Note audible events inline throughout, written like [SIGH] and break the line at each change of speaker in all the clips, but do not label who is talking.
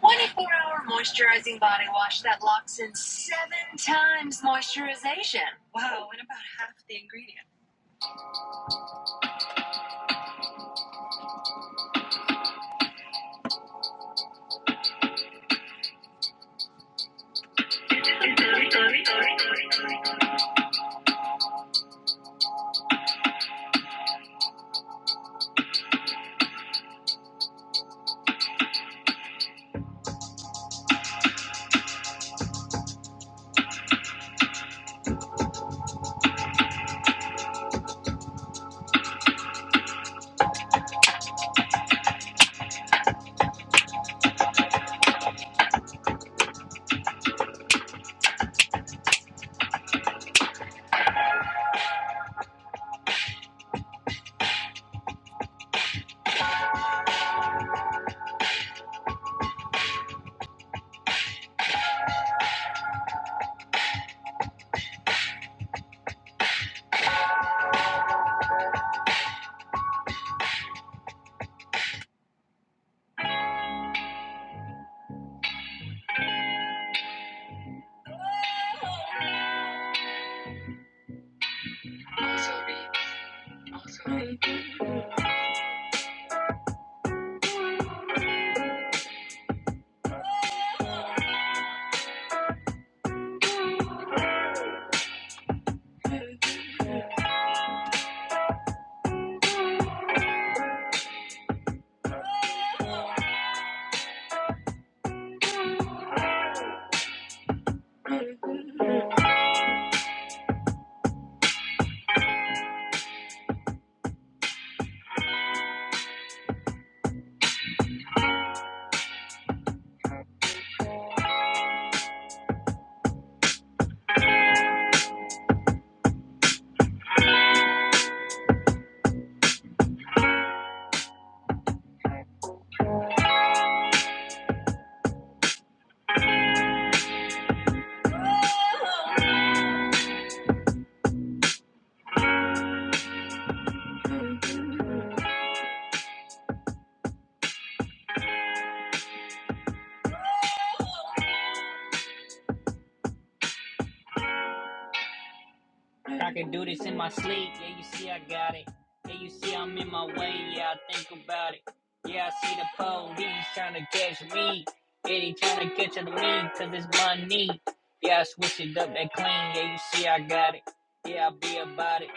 24 hour moisturizing body wash that locks in seven times moisturization. Wow, and about half the ingredient. Do it my sleep, yeah, you see I got it. Yeah, you see I'm in my way, yeah, I think about it. Yeah, I see the police trying to catch me. Yeah, they trying to catch me, cause it's money. Yeah, I switch it up, that clean, yeah, you see I got it. Yeah, I be about it.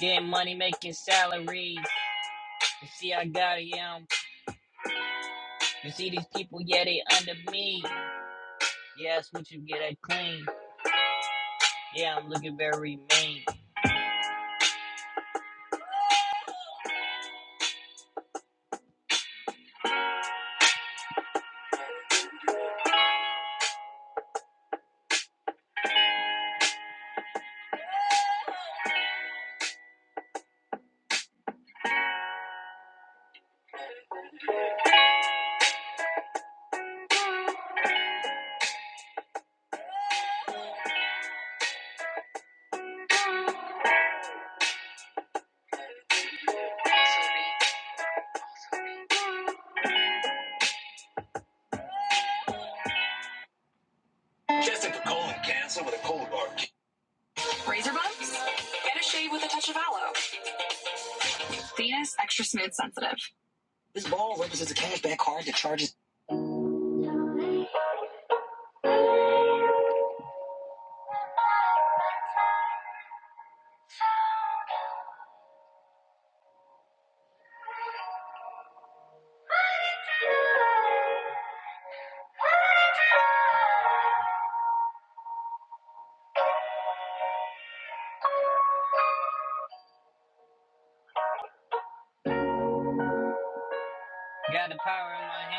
Getting money, making salaries. You see I got it, yeah. You see these people, yeah, they under me. Yes, what you get at clean. Yeah, I'm looking very mean. Tested for colon cancer with a cold bar. Razor bumps? Get a shave with a touch of aloe. Venus extra smooth sensitive. Got the power in my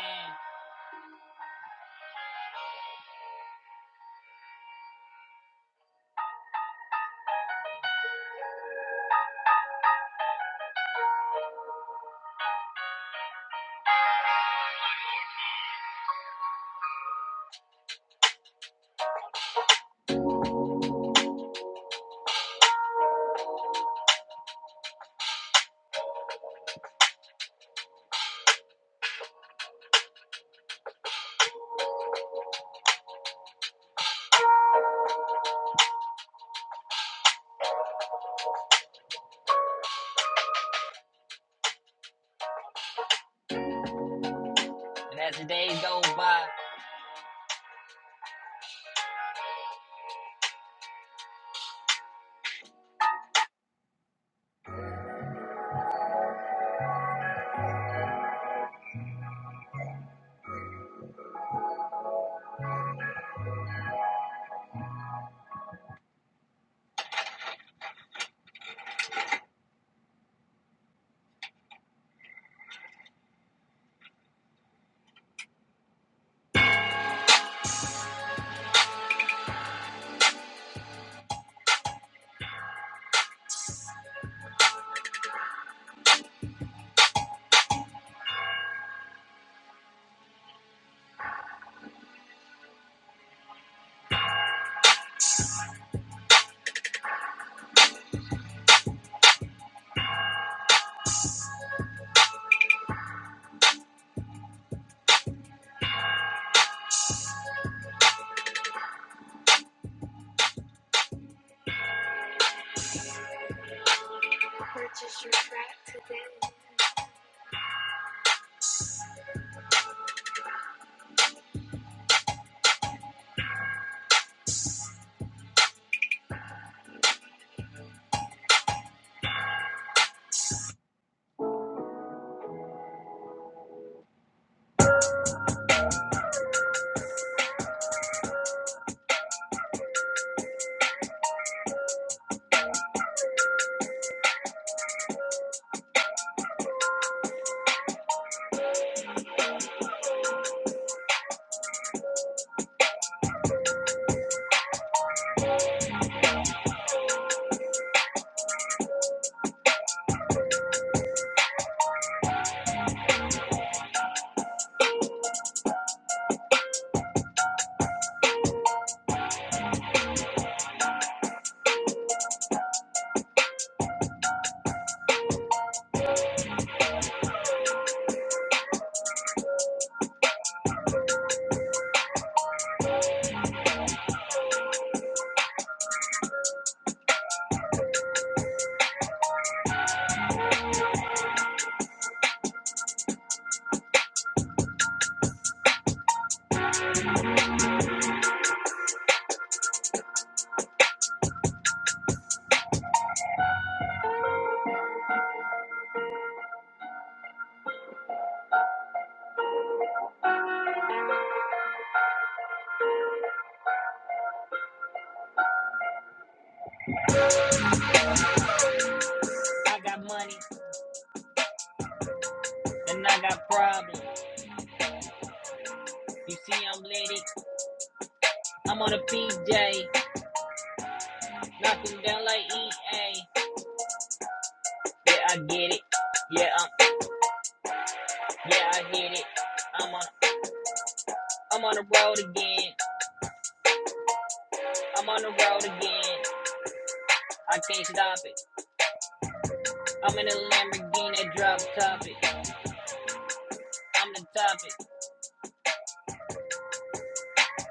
hand, and as the days go by, I got money and I got problems. You see, I'm litty. I'm on a PJ, knocking down like EA. Yeah, I get it. Yeah, i yeah, I hit it. I'm on, I'm on the road again. I'm on the road again. I can't stop it. I'm in a Lamborghini drop top it. I'm the topic,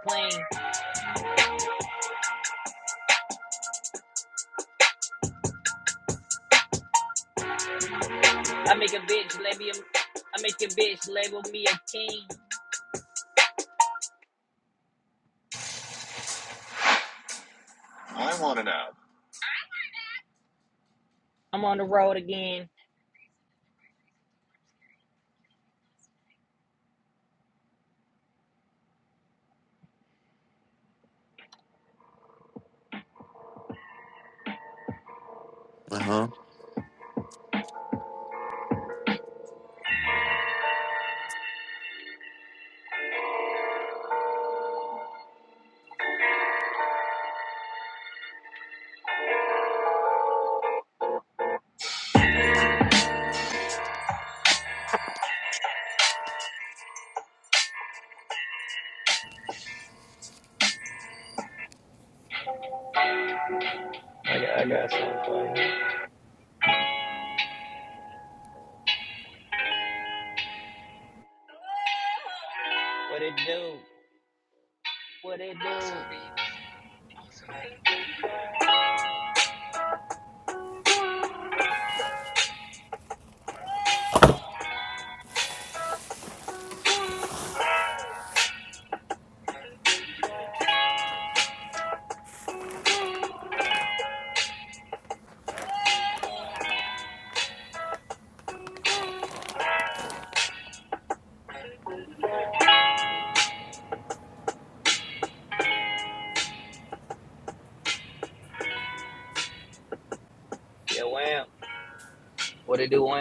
clean. I make a bitch label. I make a bitch label me a king. I wanna know. I'm on the road again.
Uh huh.
What it do? What it do?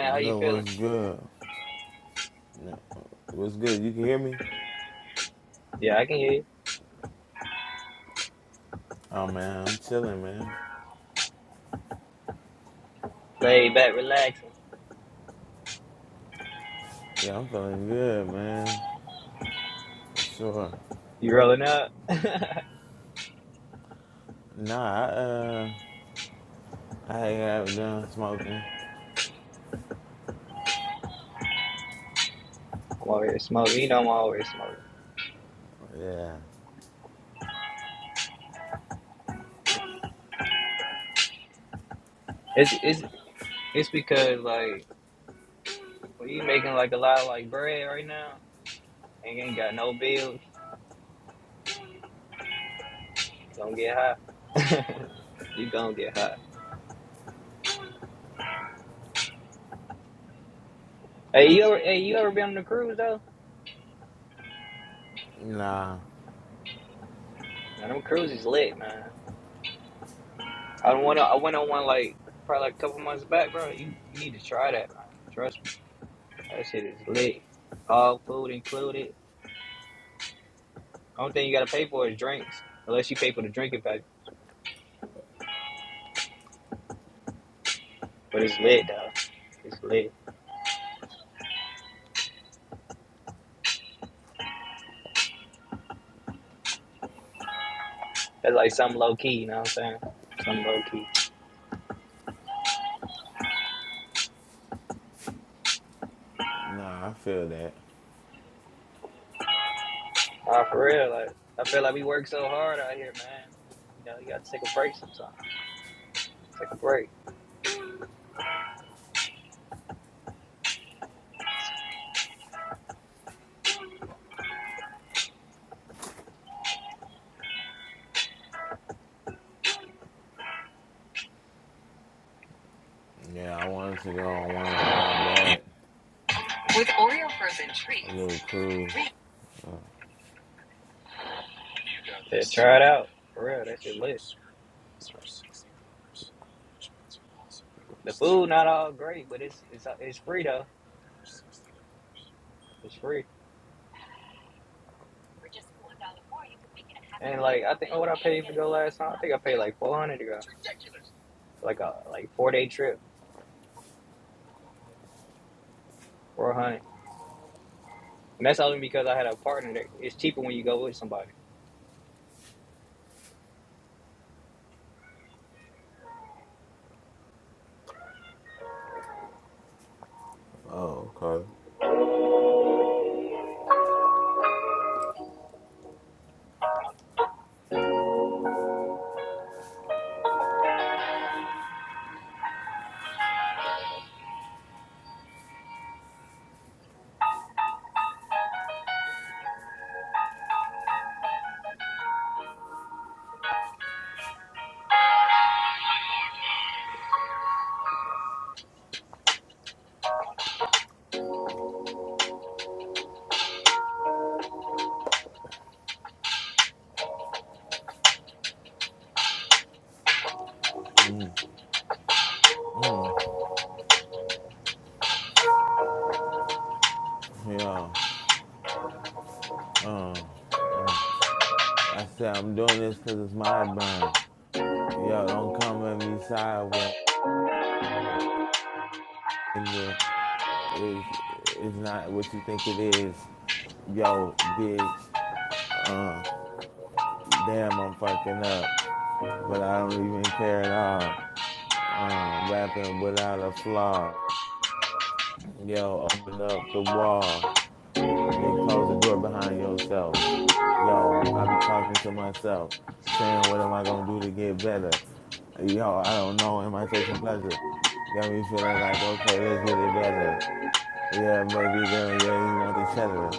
No,
Feeling?
what's good? No, What's good? You can hear me?
Yeah, I can hear you.
Oh man, I'm chilling, man.
Lay back, relaxing.
Yeah, I'm feeling good, man. For sure.
You rolling up? [LAUGHS] I'm
Nah, I uh, I ain't got done smoking.
over here smoking. You know I'm always smoking.
Yeah.
It's it's it's because like when you making like a lot of like bread right now and you ain't got no bills, you gonna get high. [LAUGHS] you gonna get high. Hey, you ever, hey, you ever been on a cruise though?
Nah,
Man, them cruises lit, man. I went on, I went on one like probably like a couple months back, bro. You, you need to try that, man. Trust me, that shit is lit. All food included. Only thing you gotta pay for is drinks, unless you pay for the drinking package. But it's lit though. It's lit. That's like something low key, you know what I'm saying? Something low key.
nah, I feel that.
Nah, for real. Like I feel like we work so hard out here, man. You know, you gotta take a break sometimes. Take a break.
Yeah, I wanted to go on one a while back,
With Oreo frozen
a
treats.
little cruise.
Yeah, try it out. For real, that shit lit. The food not all great, but it's it's it's free though. It's free. For just one dollar more, you can make it a happy. And like I think what I paid for the last time, I think I paid like four hundred to go, like a like four day trip, four hundred. And that's only because I had a partner. That it's cheaper when you go with somebody.
Oh, okay. Yeah. Uh, uh, I said I'm doing this 'cause it's my burn. Yo, don't come at me sideways. nigga. is is not what you think it is. Yo, bitch. Uh, damn, I'm fucking up, but I don't even care at all. Uh, rapping without a flaw. Yo, open up the wall and then close the door behind yourself. Yo, I be talking to myself, saying, what am I gonna do to get better? Yo, I don't know. Am I chasing pleasure? Got me feeling like, okay, let's get it better. Yeah, baby girl, yeah, you want the cheddar.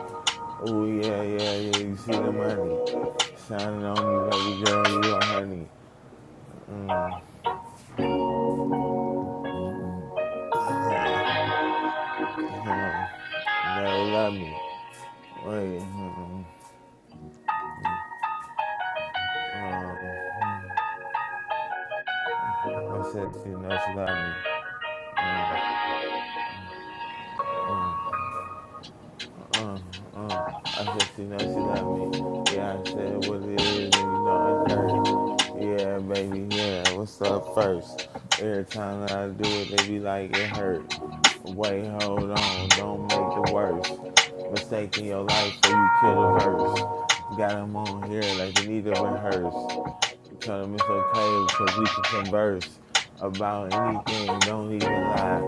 Oh, yeah, yeah, yeah, you see the money. Shining on me, baby girl, you a honey. Mm. Uh, no, they love me. Wait, mm, uh, I said she know she love me. Uh-huh. uh, uh. uh. I said, she know she love me. Yeah, I said what it is, and you know it hurt. Yeah, baby, yeah, what's up first? Every time that I do it, they be like, it hurt. Wait, hold on, don't make the worst mistake in your life or you kill the verse. Got 'em on here like they need to rehearse. Tell them it's okay because we can converse about anything. Don't even lie.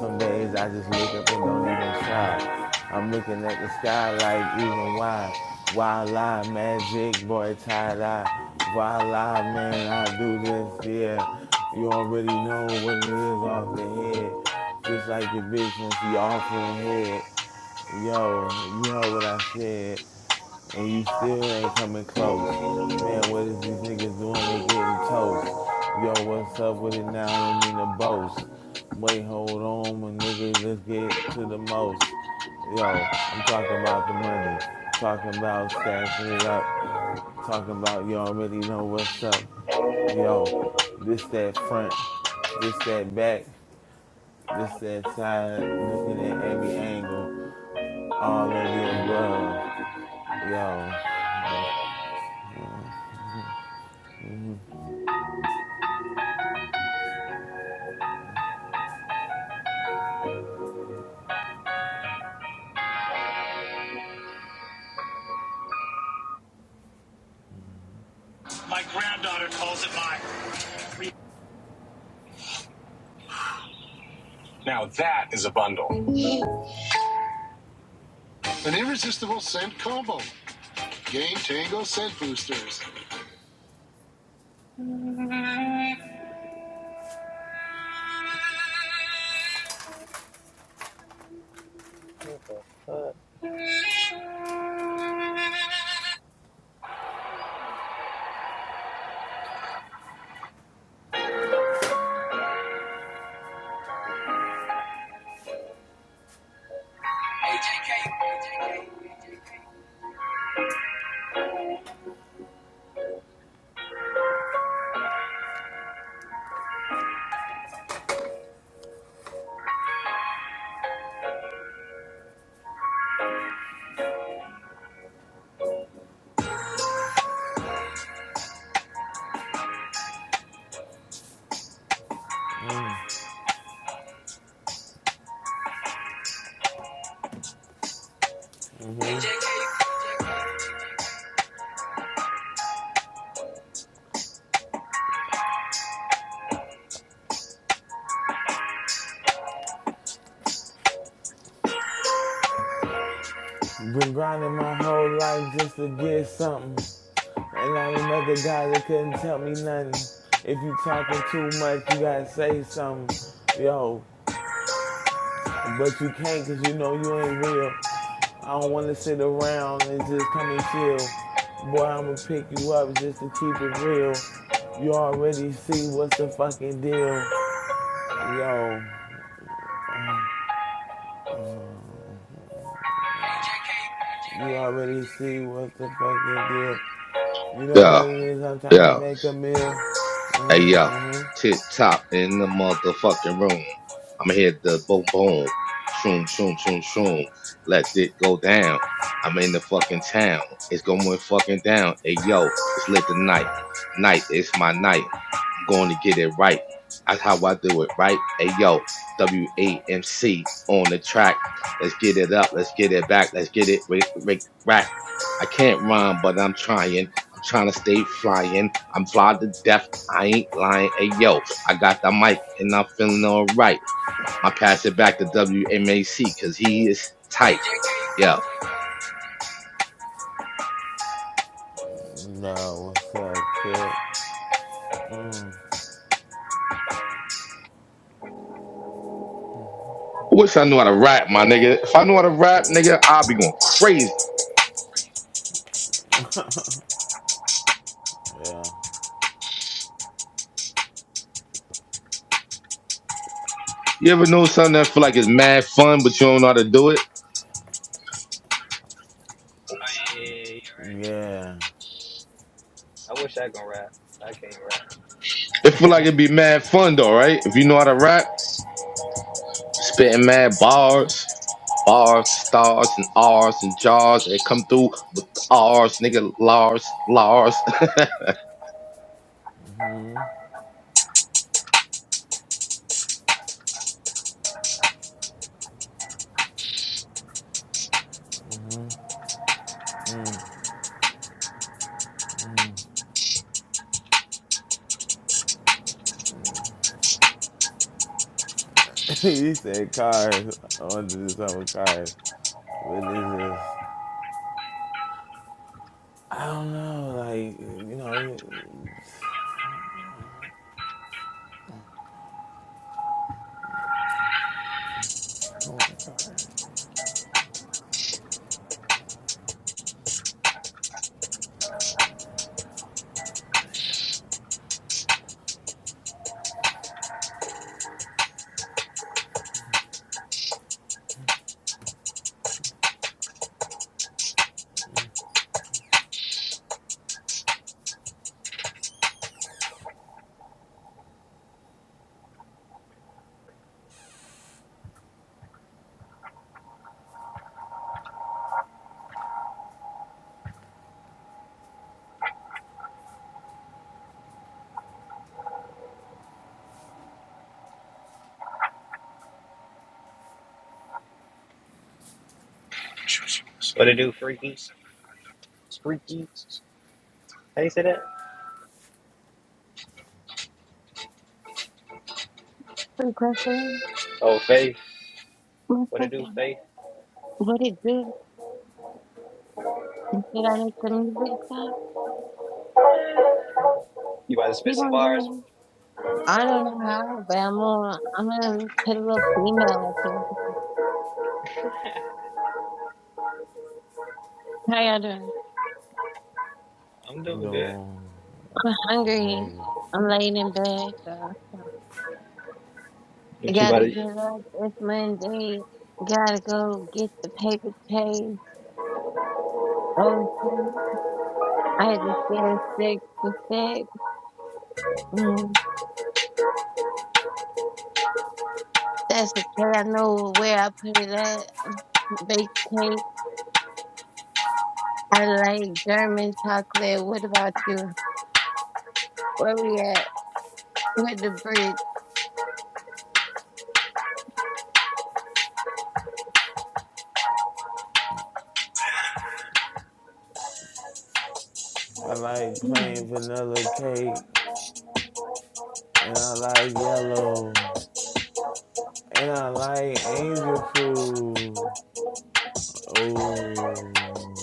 Some days I just look up and don't even try. I'm looking at the sky like even why. Why lie, magic boy, tie dye. Why lie, man? I do this, yeah. You already know what it is off the head. Just like your bitch when she offering head. Yo, you heard what I said and you still ain't coming close. Man, what is these niggas doing? They getting toast. Yo, what's up with it now? I don't mean to boast. Wait, hold on, my nigga, let's get to the most. Yo, I'm talking about the money. Talking about stacking it up. Talking about you already know what's up. Yo, this that front, this that back, this that side, looking at every angle, all of the above. Yo,
Now that is a bundle. An irresistible scent combo. Game Tango scent boosters. What the fuck? Oh,
Been grinding my whole life just to get something. And all them other guys that couldn't tell me nothing. If you talking too much, you gotta say something. Yo, but you can't cause you know you ain't real. I don't wanna sit around and just come and chill. Boy, I'ma pick you up just to keep it real. You already see what's the fucking deal. Yo, uh, you already see what's the fucking deal. You know what
Yeah,
it is? I'm trying to
yeah.
make a meal.
Hey,
Mm-hmm.
yo.
mm-hmm.
Tip top in the motherfucking room. I'ma hit the boom boom. Shroom, shroom, shroom, shroom. Let it go down. I'm in the fucking town. It's going fucking down. Hey, yo. It's lit tonight. Night is my night. I'm going to get it right. That's how I do it, right? Hey, yo, WAMC on the track. Let's get it up. Let's get it back. Let's get it ri- ri- right. I can't rhyme, but I'm trying. I'm trying to stay flying. I'm fly to death. I ain't lying. Hey, yo, I got the mic and I'm feeling all right. I pass it back to WMAC because he is tight. Yo, I
No, what's up, Tip? Mm,
wish I knew how to rap, my nigga. If I knew how to rap, nigga, I'd be going crazy.
yeah.
You ever know something that feel like it's mad fun, but you don't know how to do it?
yeah, yeah,
Yeah.
yeah. I wish I could rap. I can't rap.
It feel like it'd be mad fun though, right? If you know how to rap, spitting mad bars, bars, stars and R's and jars, and come through with the R's, nigga Lars, Lars. [LAUGHS]
[LAUGHS] he said cars. I want to do something with cars. But this is, I don't know, like, you know, going to cars.
What it do, freaky? Freaky? How you say that?
Pretty person.
Oh, Faith.
One
What it do,
second.
Faith?
What it do? Did I make the music stop?
You about to spit
Keep
some
on
bars?
doing it. I don't know how, but I'm gonna, I'm gonna put a little female up here. How y'all doing?
I'm
I'm
doing good.
doing
I'm hungry.
amazing.
I'm laying in bed. So I
But you about
gotta get
to
up. It's Monday. Gotta go get the paper chase. Oh, shit. I had to stand six to six. Mm. That's okay. I know where I put it at. Bake cake. I like German chocolate. What about you? Where we at with the bridge?
I like
Mm,
plain vanilla cake, and I like yellow, and I like angel fruit. Oh,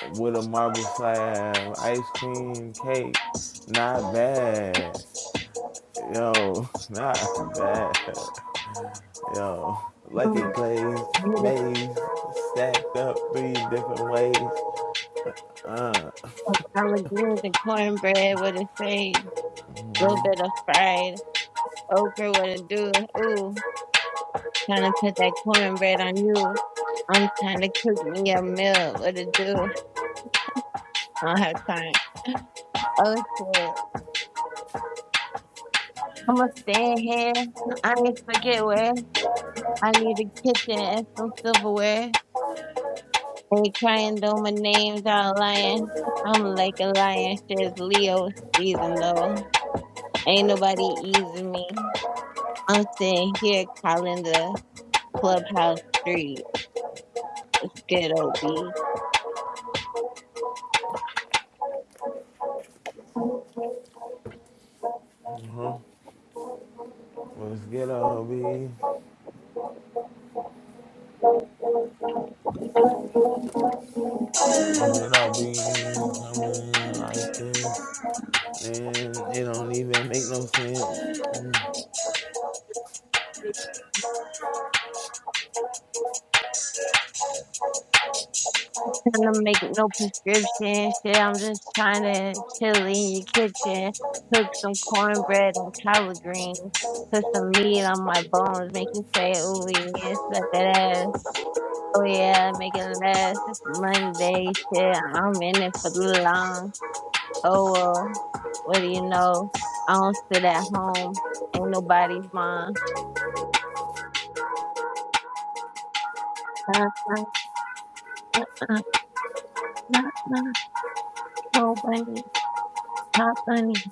with a marble slab, ice cream, cake, not bad. Yo, [LAUGHS] not bad. Yo, Lucky it glaze,
with
maze, stacked up three different ways. Uh,
the collard greens and cornbread, what it say? A little bit of fried okra, what it do? Ooh, trying to put that cornbread on you. I'm trying to cook me a meal, what it do? I don't have time. Oh shit. I'm gonna stand here. I need to forget where I need a kitchen and some silverware. They crying though my name's out lying. I'm like a lion, says Leo season though. Ain't nobody easing me. I'm sitting here calling the clubhouse street. Good old B.
huh. Let's get all B. Let's get all B coming in like this. And it don't even make no sense. Mm.
Trying to make no prescription shit. I'm just trying to chill in your kitchen, cook some cornbread and collard greens, put some meat on my bones, make you say ooh yeah, slap that ass. Oh yeah, make it last. It's Monday. Shit, I'm in it for the long. Oh well, what do you know? I don't sit at home. Ain't nobody's mom. Not, not, not, not, not, no bunny. Not bunny.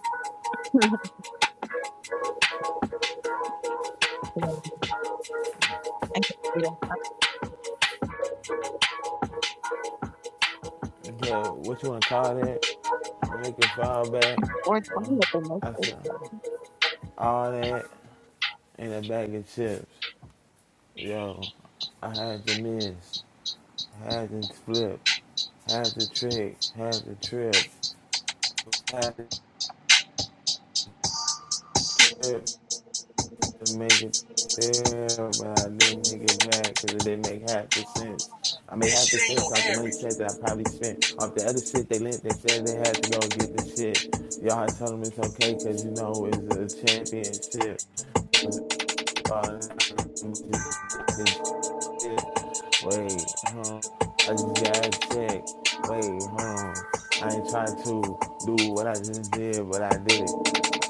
[LAUGHS] Yeah,
Okay, what you wanna call that? Make it fall back.
Four
Uh,
twenty up in
I
this.
said all that in a bag of chips. Yo, I had to miss, had to flip, had to trick, had to trip, had to trip to make it there, but I didn't make it back because it didn't make half the sense. I made half the sense off the money said that I probably spent off the other shit they lent. They said they had to go get the shit. Y'all told them it's okay because you know it's a championship Father, Wait, huh? I just gotta check. Wait, hold on. I ain't tried to do what I just did, but I did it.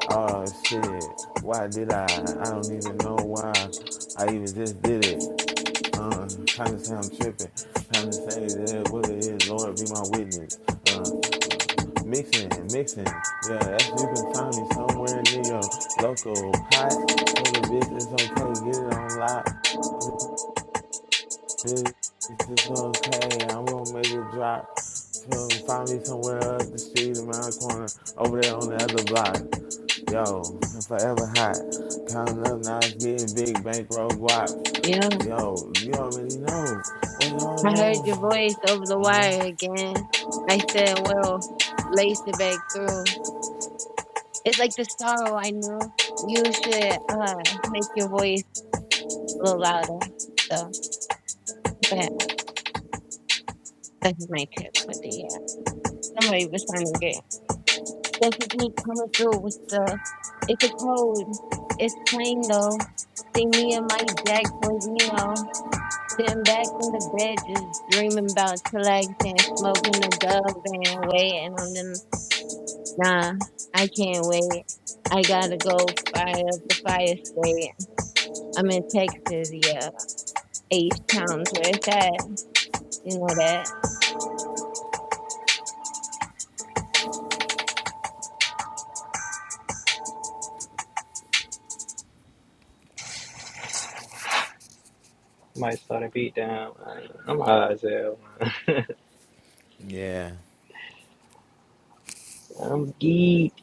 Oh shit. Why did I? I don't even know why I even just did it. Uh, kind of say I'm tripping. Kind of say that what it is. Lord, be my witness. Uh, uh, mixing, mixing. Yeah, that's you can find me somewhere near your local pot. Tell the bitch it's okay. Get it on lock. This is okay. I'm gonna make it drop from find me somewhere up the street around the corner over there on the other block. Yo, I'm forever hot. Counting up nights, getting big bankroll guap.
Yeah,
Yo, you already know. Wait, hold
I heard
on.
your voice over the
hmm
wire again. I said, well, lace it back through. It's like the sorrow I knew. You should uh make your voice a little louder. So, go ahead. This is my tip, but the, uh, somebody was trying to get. This is me coming through with the. It's a code. It's plain though. See me and my Jack Brazino sitting back in the bed, just dreaming about Telex smoking a dub and waiting on them. Nah, I can't wait. I gotta go fire up the fire state. I'm in Texas, yeah. H Town's where it's at. You know that.
might start a beat down. Uh, I'm high as hell. [LAUGHS]
Yeah.
I'm geek.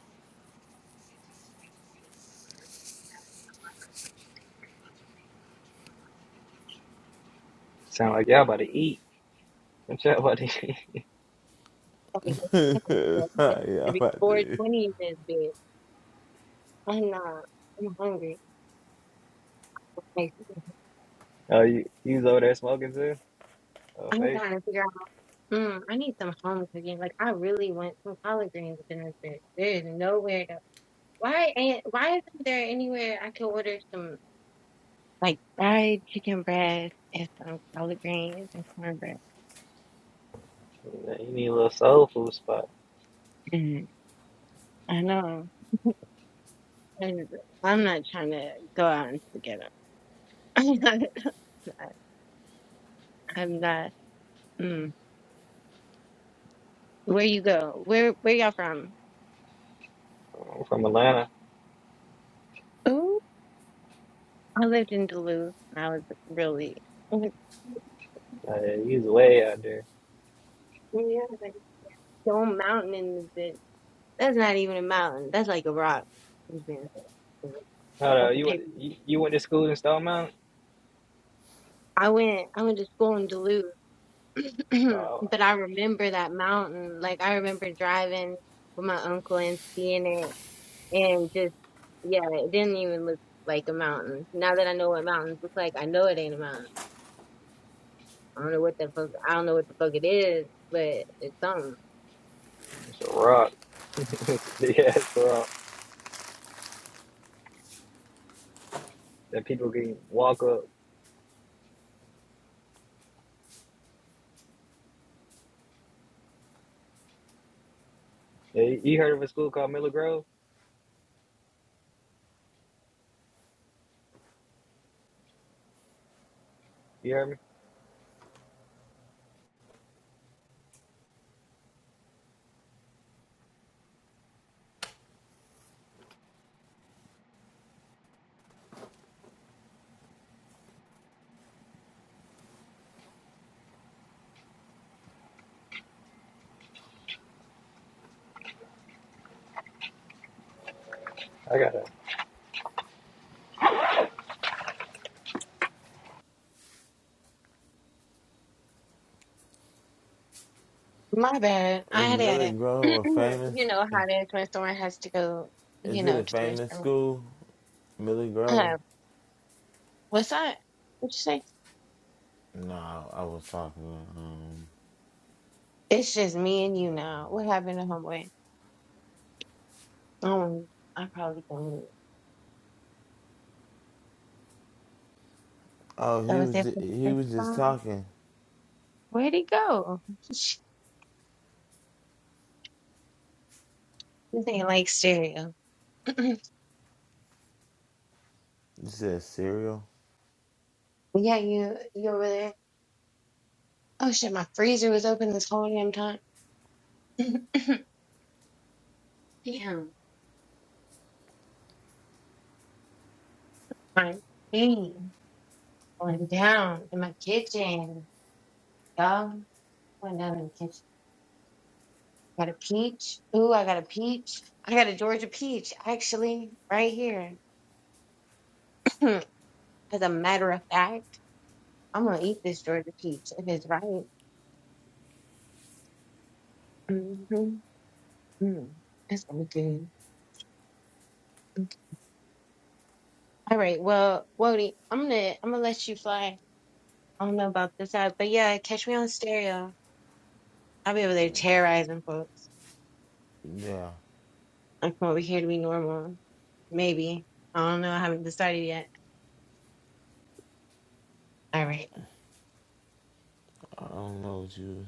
Sound like y'all about to eat. What y'all about to eat? [LAUGHS]
[LAUGHS] Gotta
[LAUGHS]
get- got
yeah,
to be
about this.
420 in this bitch. I'm not. I'm hungry. Like,
Oh, you you was over there smoking too? Oh,
I'm
faith.
trying to figure out. Mm, I need some home cooking. Like, I really want some collard greens up in this fish. There's nowhere to. Why ain't? Why isn't there anywhere I can order some like fried chicken breast and some collard greens and cornbread?
You need a little soul food spot.
Mm, I know. And I'm not trying to go out and get them. [LAUGHS] I'm not. Mm. Where you go? Where Where y'all from?
I'm from Atlanta.
Ooh, I lived in Duluth. I was really. like,
Uh, you was way out there.
Yeah, like Stone Mountain in the bit. That's not even a mountain. That's like a rock. It's been- like,
Hold on,
That's a
you went
paper.
you, you went to school in Stone Mountain?
I went I went to school in Duluth, [CLEARS THROAT]
Oh,
but I remember that mountain. Like I remember driving with my uncle and seeing it and just yeah, it didn't even look like a mountain. Now that I know what mountains look like, I know it ain't a mountain. I don't know what the fuck I don't know what the fuck it is, but it's something.
it's a rock. [LAUGHS] it's a big ass rock that people can walk up. Yeah, you you heard of a school called Miller Grove? You heard me? I got
My bad. I
Is
had a,
Millie
[CLEARS THROAT]
Grove a famous?
you know, how the restaurant has to go, you
Is it a
know, to the
famous
restaurant.
school? Millie Grove?
Uh, what's that? What you say?
No, I was talking. Um,
It's just me and you now. What happened to homeboy? Um, I probably don't. know.
Oh,
That
he
was
was
it for the
he
first
was just
time.
talking.
Where'd he go? This ain't like stereo. [CLEARS THROAT] yeah,
You said cereal?
you you over there? Oh shit, my freezer was open this whole damn time. [LAUGHS] [CLEARS THROAT] Damn. My feet went down in my kitchen. Y'all went down in the kitchen. Got a peach. Ooh, I got a peach. I got a Georgia peach, actually, right here. [CLEARS THROAT] As a matter of fact, I'm gonna eat this Georgia peach if it's right. Mm-hmm. Mm. That's gonna be good. All right, well, Wody, I'm gonna I'm gonna let you fly. I don't know about this app, but yeah, catch me on stereo. I'll be over there terrorizing folks.
Yeah.
I come over here to be normal. Maybe. I don't know. I haven't decided yet. All right.
I don't know what you.